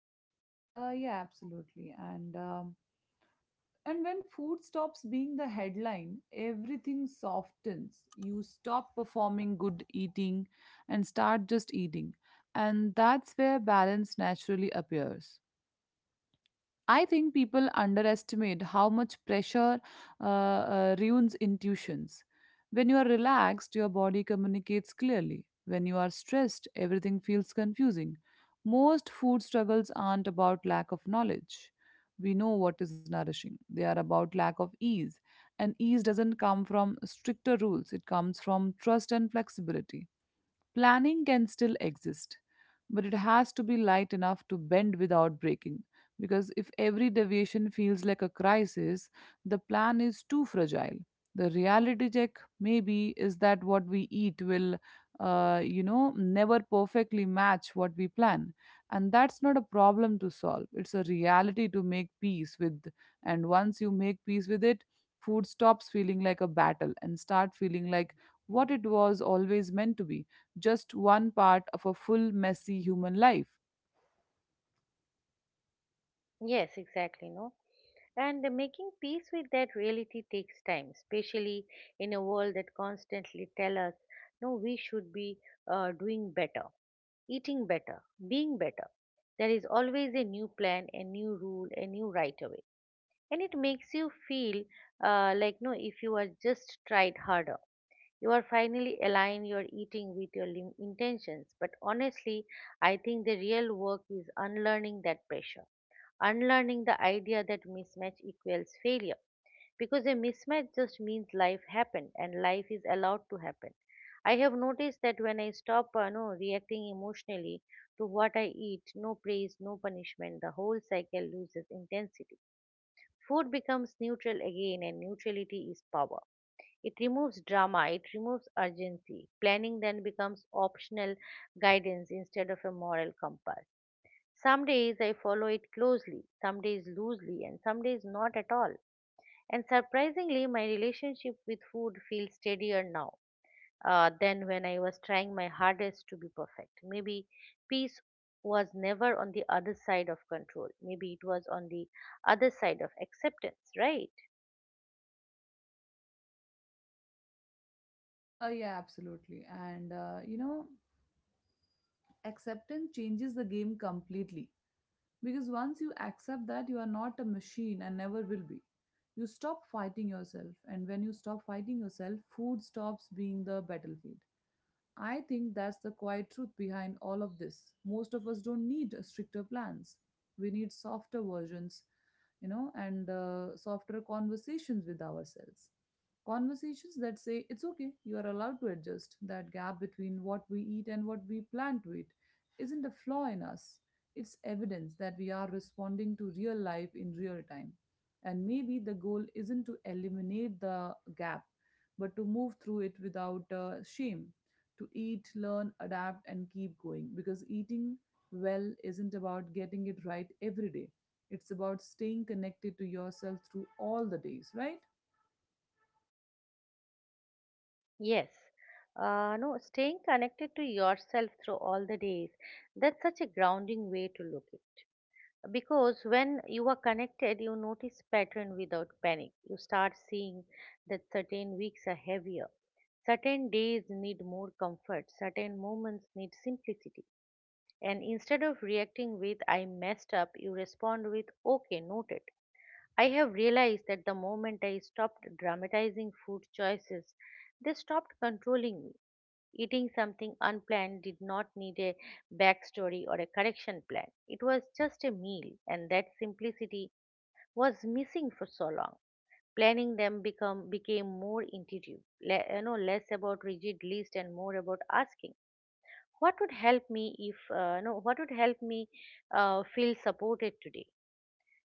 [SPEAKER 2] Yeah, absolutely. And when food stops being the headline, everything softens. You stop performing good eating and start just eating. And that's where balance naturally appears. I think people underestimate how much pressure ruins intuitions. When you are relaxed, your body communicates clearly. When you are stressed, everything feels confusing. Most food struggles aren't about lack of knowledge. We know what is nourishing, they are about lack of ease. And ease doesn't come from stricter rules, it comes from trust and flexibility. Planning can still exist, but it has to be light enough to bend without breaking. Because if every deviation feels like a crisis, the plan is too fragile. The reality check, maybe, is that what we eat will, never perfectly match what we plan. And that's not a problem to solve, it's a reality to make peace with. And once you make peace with it, food stops feeling like a battle and start feeling like what it was always meant to be just one part of a full, messy human life.
[SPEAKER 1] Yes, exactly, no? And making peace with that reality takes time, especially in a world that constantly tell us, no, we should be doing better, eating better, being better. There is always a new plan, a new rule, a new right away. And it makes you feel like, no, if you are just tried harder, you are finally align your eating with your intentions. But honestly, I think the real work is unlearning that pressure, unlearning the idea that mismatch equals failure, because a mismatch just means life happened and life is allowed to happen. I have noticed that when I stop no, reacting emotionally to what I eat, no praise, no punishment, the whole cycle loses intensity. Food becomes neutral again and neutrality is power. It removes drama, it removes urgency. Planning then becomes optional guidance instead of a moral compass. Some days I follow it closely, some days loosely, and some days not at all. And surprisingly, my relationship with food feels steadier now than when I was trying my hardest to be perfect. Maybe peace was never on the other side of control. Maybe it was on the other side of acceptance, right?
[SPEAKER 2] Yeah, absolutely. And acceptance changes the game completely. Because once you accept that you are not a machine and never will be, you stop fighting yourself. And when you stop fighting yourself, food stops being the battlefield. I think that's the quiet truth behind all of this. Most of us don't need stricter plans. We need softer versions, and softer conversations with ourselves. Conversations that say, it's okay, you are allowed to adjust. That gap between what we eat and what we plan to eat isn't a flaw in us. It's evidence that we are responding to real life in real time. And maybe the goal isn't to eliminate the gap, but to move through it without shame to eat, learn, adapt, and keep going. Because eating well isn't about getting it right every day, it's about staying connected to yourself through all the days, right?
[SPEAKER 1] Yes. No, Staying connected to yourself through all the days. That's such a grounding way to look it. Because when you are connected you notice pattern without panic. You start seeing that certain weeks are heavier, certain days need more comfort, certain moments need simplicity. And instead of reacting with I messed up, you respond with okay, noted. I have realized that the moment I stopped dramatizing food choices, they stopped controlling me. Eating something unplanned did not need a backstory or a correction plan. It was just a meal, and that simplicity was missing for so long. Planning them become became more intuitive, less about rigid list and more about asking, what would help me if you know, what would help me feel supported today?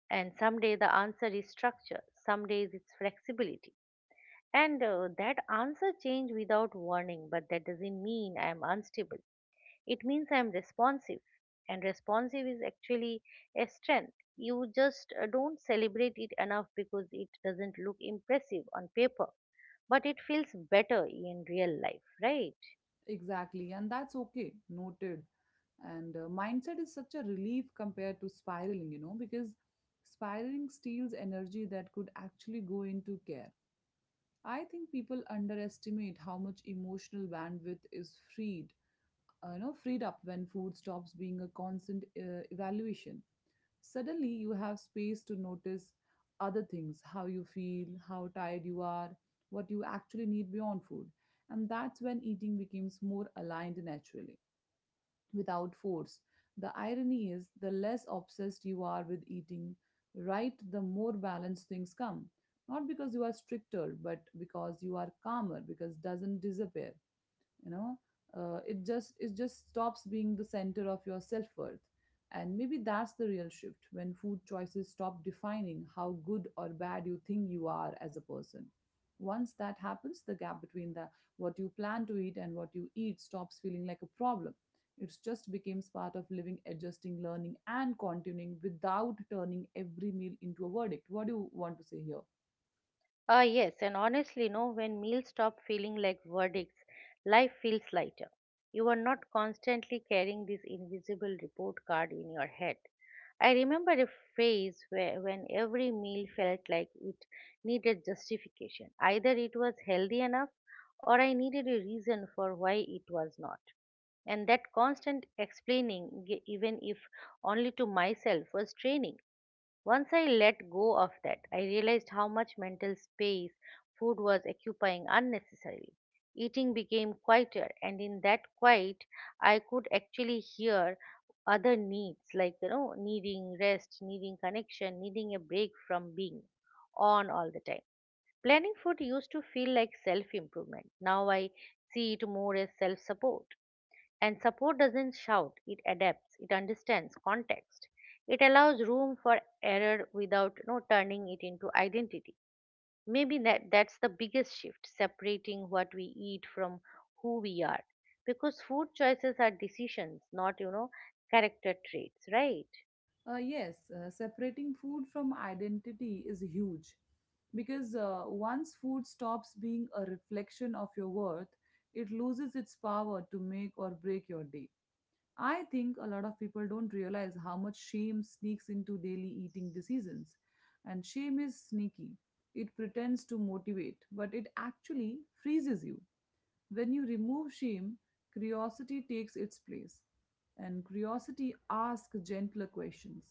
[SPEAKER 1] And someday the answer is structure. Some days it's flexibility and that answer change without warning, but that doesn't mean I am unstable, it means I'm responsive. And responsive is actually a strength. You just don't celebrate it enough because it doesn't look impressive on paper, but it feels better in real life, right?
[SPEAKER 2] Exactly, and that's okay, noted. And mindset is such a relief compared to spiraling, you know, because spiraling steals energy that could actually go into care. I think people underestimate how much emotional bandwidth is freed freed up when food stops being a constant evaluation. Suddenly you have space to notice other things, how you feel, how tired you are, what you actually need beyond food. And that's when eating becomes more aligned naturally, without force. The irony is, the less obsessed you are with eating, right, the more balanced things come. Not because you are stricter, but because you are calmer, because doesn't disappear, you know, it just stops being the center of your self-worth. And maybe that's the real shift, when food choices stop defining how good or bad you think you are as a person. Once that happens, the gap between the what you plan to eat and what you eat stops feeling like a problem. It just becomes part of living, adjusting, learning, and continuing without turning every meal into a verdict. What do you want to say here?
[SPEAKER 1] Ah, yes, and honestly, no, when meals stop feeling like verdicts, life feels lighter. You are not constantly carrying this invisible report card in your head. I remember a phase where when every meal felt like it needed justification. Either it was healthy enough or I needed a reason for why it was not. And that constant explaining, even if only to myself, was draining. Once I let go of that, I realized how much mental space food was occupying unnecessarily. Eating became quieter, and in that quiet, I could actually hear other needs like, needing rest, needing connection, needing a break from being on all the time. Planning food used to feel like self improvement. Now I see it more as self support. And support doesn't shout, it adapts, it understands context. It allows room for error without no turning it into identity. Maybe that's the biggest shift, separating what we eat from who we are. Because food choices are decisions, not, character traits, right?
[SPEAKER 2] Yes, separating food from identity is huge, because once food stops being a reflection of your worth, it loses its power to make or break your day. I think a lot of people don't realize how much shame sneaks into daily eating decisions. And shame is sneaky, it pretends to motivate, but it actually freezes you. When you remove shame, curiosity takes its place. And curiosity asks gentler questions.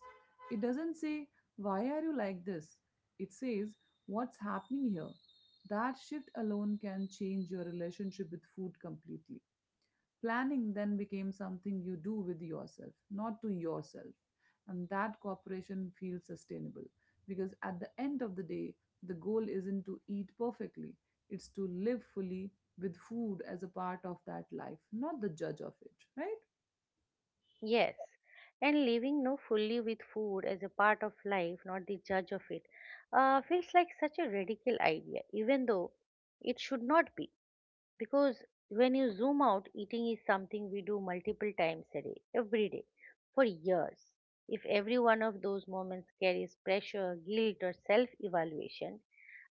[SPEAKER 2] It doesn't say, why are you like this? It says, what's happening here? That shift alone can change your relationship with food completely. Planning then became something you do with yourself, not to yourself. And that cooperation feels sustainable, because at the end of the day, the goal isn't to eat perfectly, it's to live fully with food as a part of that life, not the judge of it, right?
[SPEAKER 1] Yes. And living no fully with food as a part of life, not the judge of it, feels like such a radical idea, even though it should not be. Because when you zoom out, eating is something we do multiple times a day, every day, for years. If every one of those moments carries pressure, guilt, or self evaluation,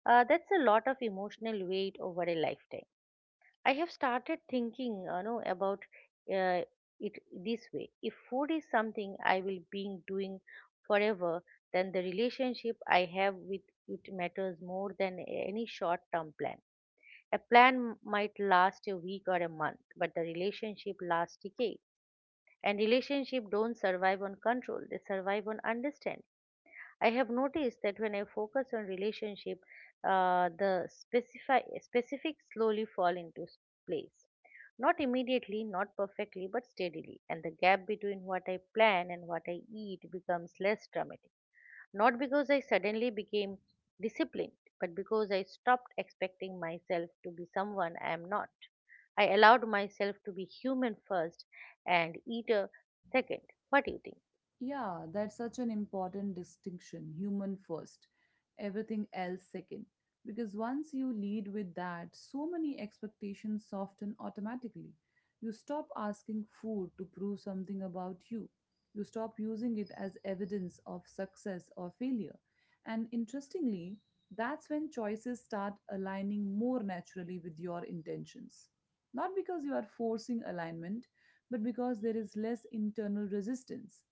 [SPEAKER 1] that's a lot of emotional weight over a lifetime. I have started thinking, about uh, it this way. If food is something I will be doing forever, then the relationship I have with it matters more than any short-term plan. A plan might last a week or a month, but the relationship lasts decades. And relationships don't survive on control, they survive on understanding. I have noticed that when I focus on relationship, specifics slowly fall into place. Not immediately, not perfectly, but steadily. And the gap between what I plan and what I eat becomes less dramatic. Not because I suddenly became disciplined, but because I stopped expecting myself to be someone I am not. I allowed myself to be human first and eater second. What do you think?
[SPEAKER 2] Yeah, that's such an important distinction, human first, everything else second. Because once you lead with that, so many expectations soften automatically. You stop asking food to prove something about you, you stop using it as evidence of success or failure. And interestingly, that's when choices start aligning more naturally with your intentions. Not because you are forcing alignment, but because there is less internal resistance.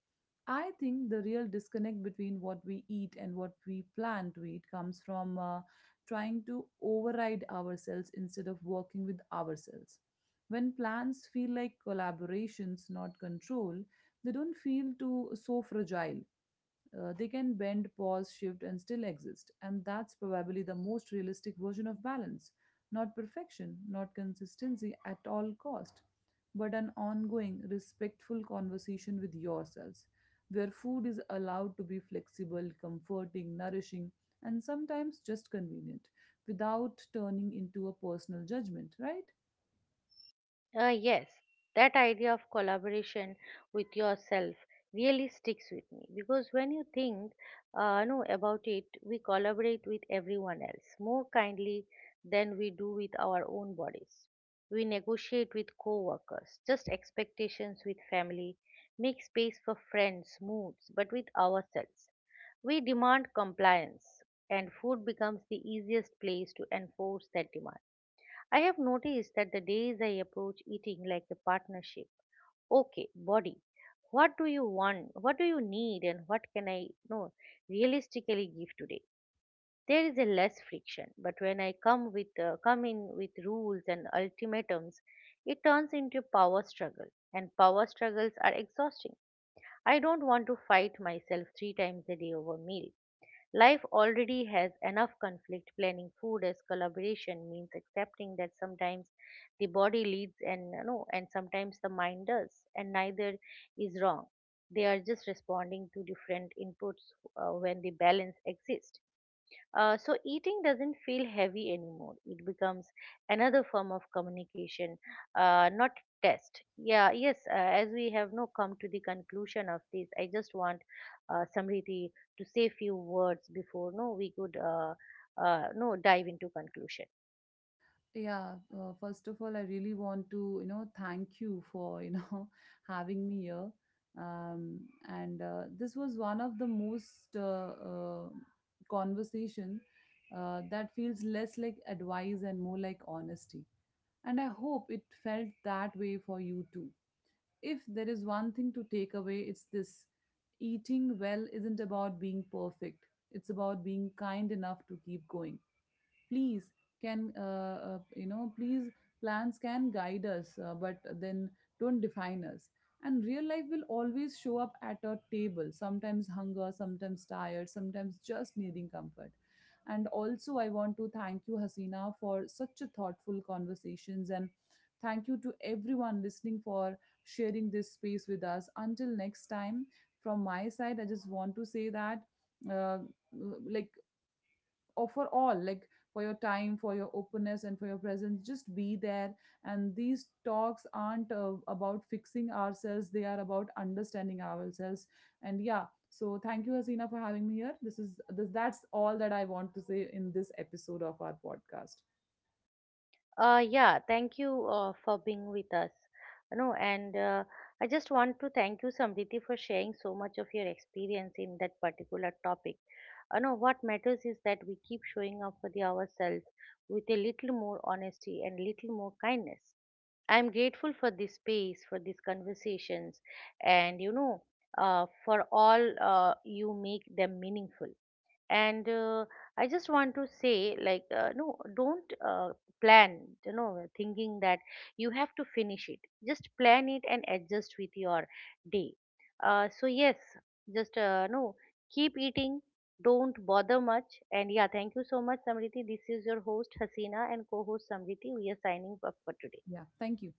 [SPEAKER 2] I think the real disconnect between what we eat and what we plan to eat comes from trying to override ourselves instead of working with ourselves. When plans feel like collaborations, not control, they don't feel too so fragile. They can bend, pause, shift, and still exist. And that's probably the most realistic version of balance. Not perfection, not consistency at all cost, but an ongoing, respectful conversation with yourselves, where food is allowed to be flexible, comforting, nourishing, and sometimes just convenient, without turning into a personal judgment, right?
[SPEAKER 1] Yes, that idea of collaboration with yourself really sticks with me because when you think no, about it, we collaborate with everyone else more kindly than we do with our own bodies. We negotiate with co workers, just expectations with family, make space for friends, moods, but with ourselves. We demand compliance, and food becomes the easiest place to enforce that demand. I have noticed that the days I approach eating like a partnership. Okay, body. What do you want? What do you need? And what can I no realistically give today? There is a less friction. But when I come with come in with rules and ultimatums, it turns into power struggle. And power struggles are exhausting. I don't want to fight myself three times a day over meal. Life already has enough conflict. Planning food as collaboration means accepting that sometimes the body leads and sometimes the mind does, and neither is wrong. They are just responding to different inputs when the balance exists. So eating doesn't feel heavy anymore. It becomes another form of communication, not test. Yeah, yes. As we have now come to the conclusion of this, I just want Samriti to say few words before no we could no dive into conclusion.
[SPEAKER 2] Yeah, first of all, I really want to, you know, thank you for, you know, having me here. Um, and This was one of the most conversation that feels less like advice and more like honesty. And I hope it felt that way for you too. If there is one thing to take away, it's this: eating well isn't about being perfect. It's about being kind enough to keep going. Please, can you know, please, plans can guide us, but then don't define us. And real life will always show up at a table, sometimes hunger, sometimes tired, sometimes just needing comfort. And also, I want to thank you, Hasina, for such a thoughtful conversations. And thank you to everyone listening for sharing this space with us. Until next time, from my side, I just want to say that, uh, like or for all, like, for your time, for your openness and for your presence, just be there. And these talks aren't about fixing ourselves, they are about understanding ourselves. And yeah, so thank you, Hasina, for having me here. That's all that I want to say in this episode of our podcast.
[SPEAKER 1] Yeah, thank you for being with us. You know, and I just want to thank you, Samriti, for sharing so much of your experience in that particular topic. You know, what matters is that we keep showing up for the ourselves with a little more honesty and little more kindness. I am grateful for this space, for these conversations, and for all you make them meaningful and I just want to say like don't plan thinking that you have to finish it. Just plan it and adjust with your day. So yes, just keep eating, don't bother much. And yeah, thank you so much Samriti. This is your host Hasina and co-host Samriti. We are signing up for today.
[SPEAKER 2] Yeah, thank you.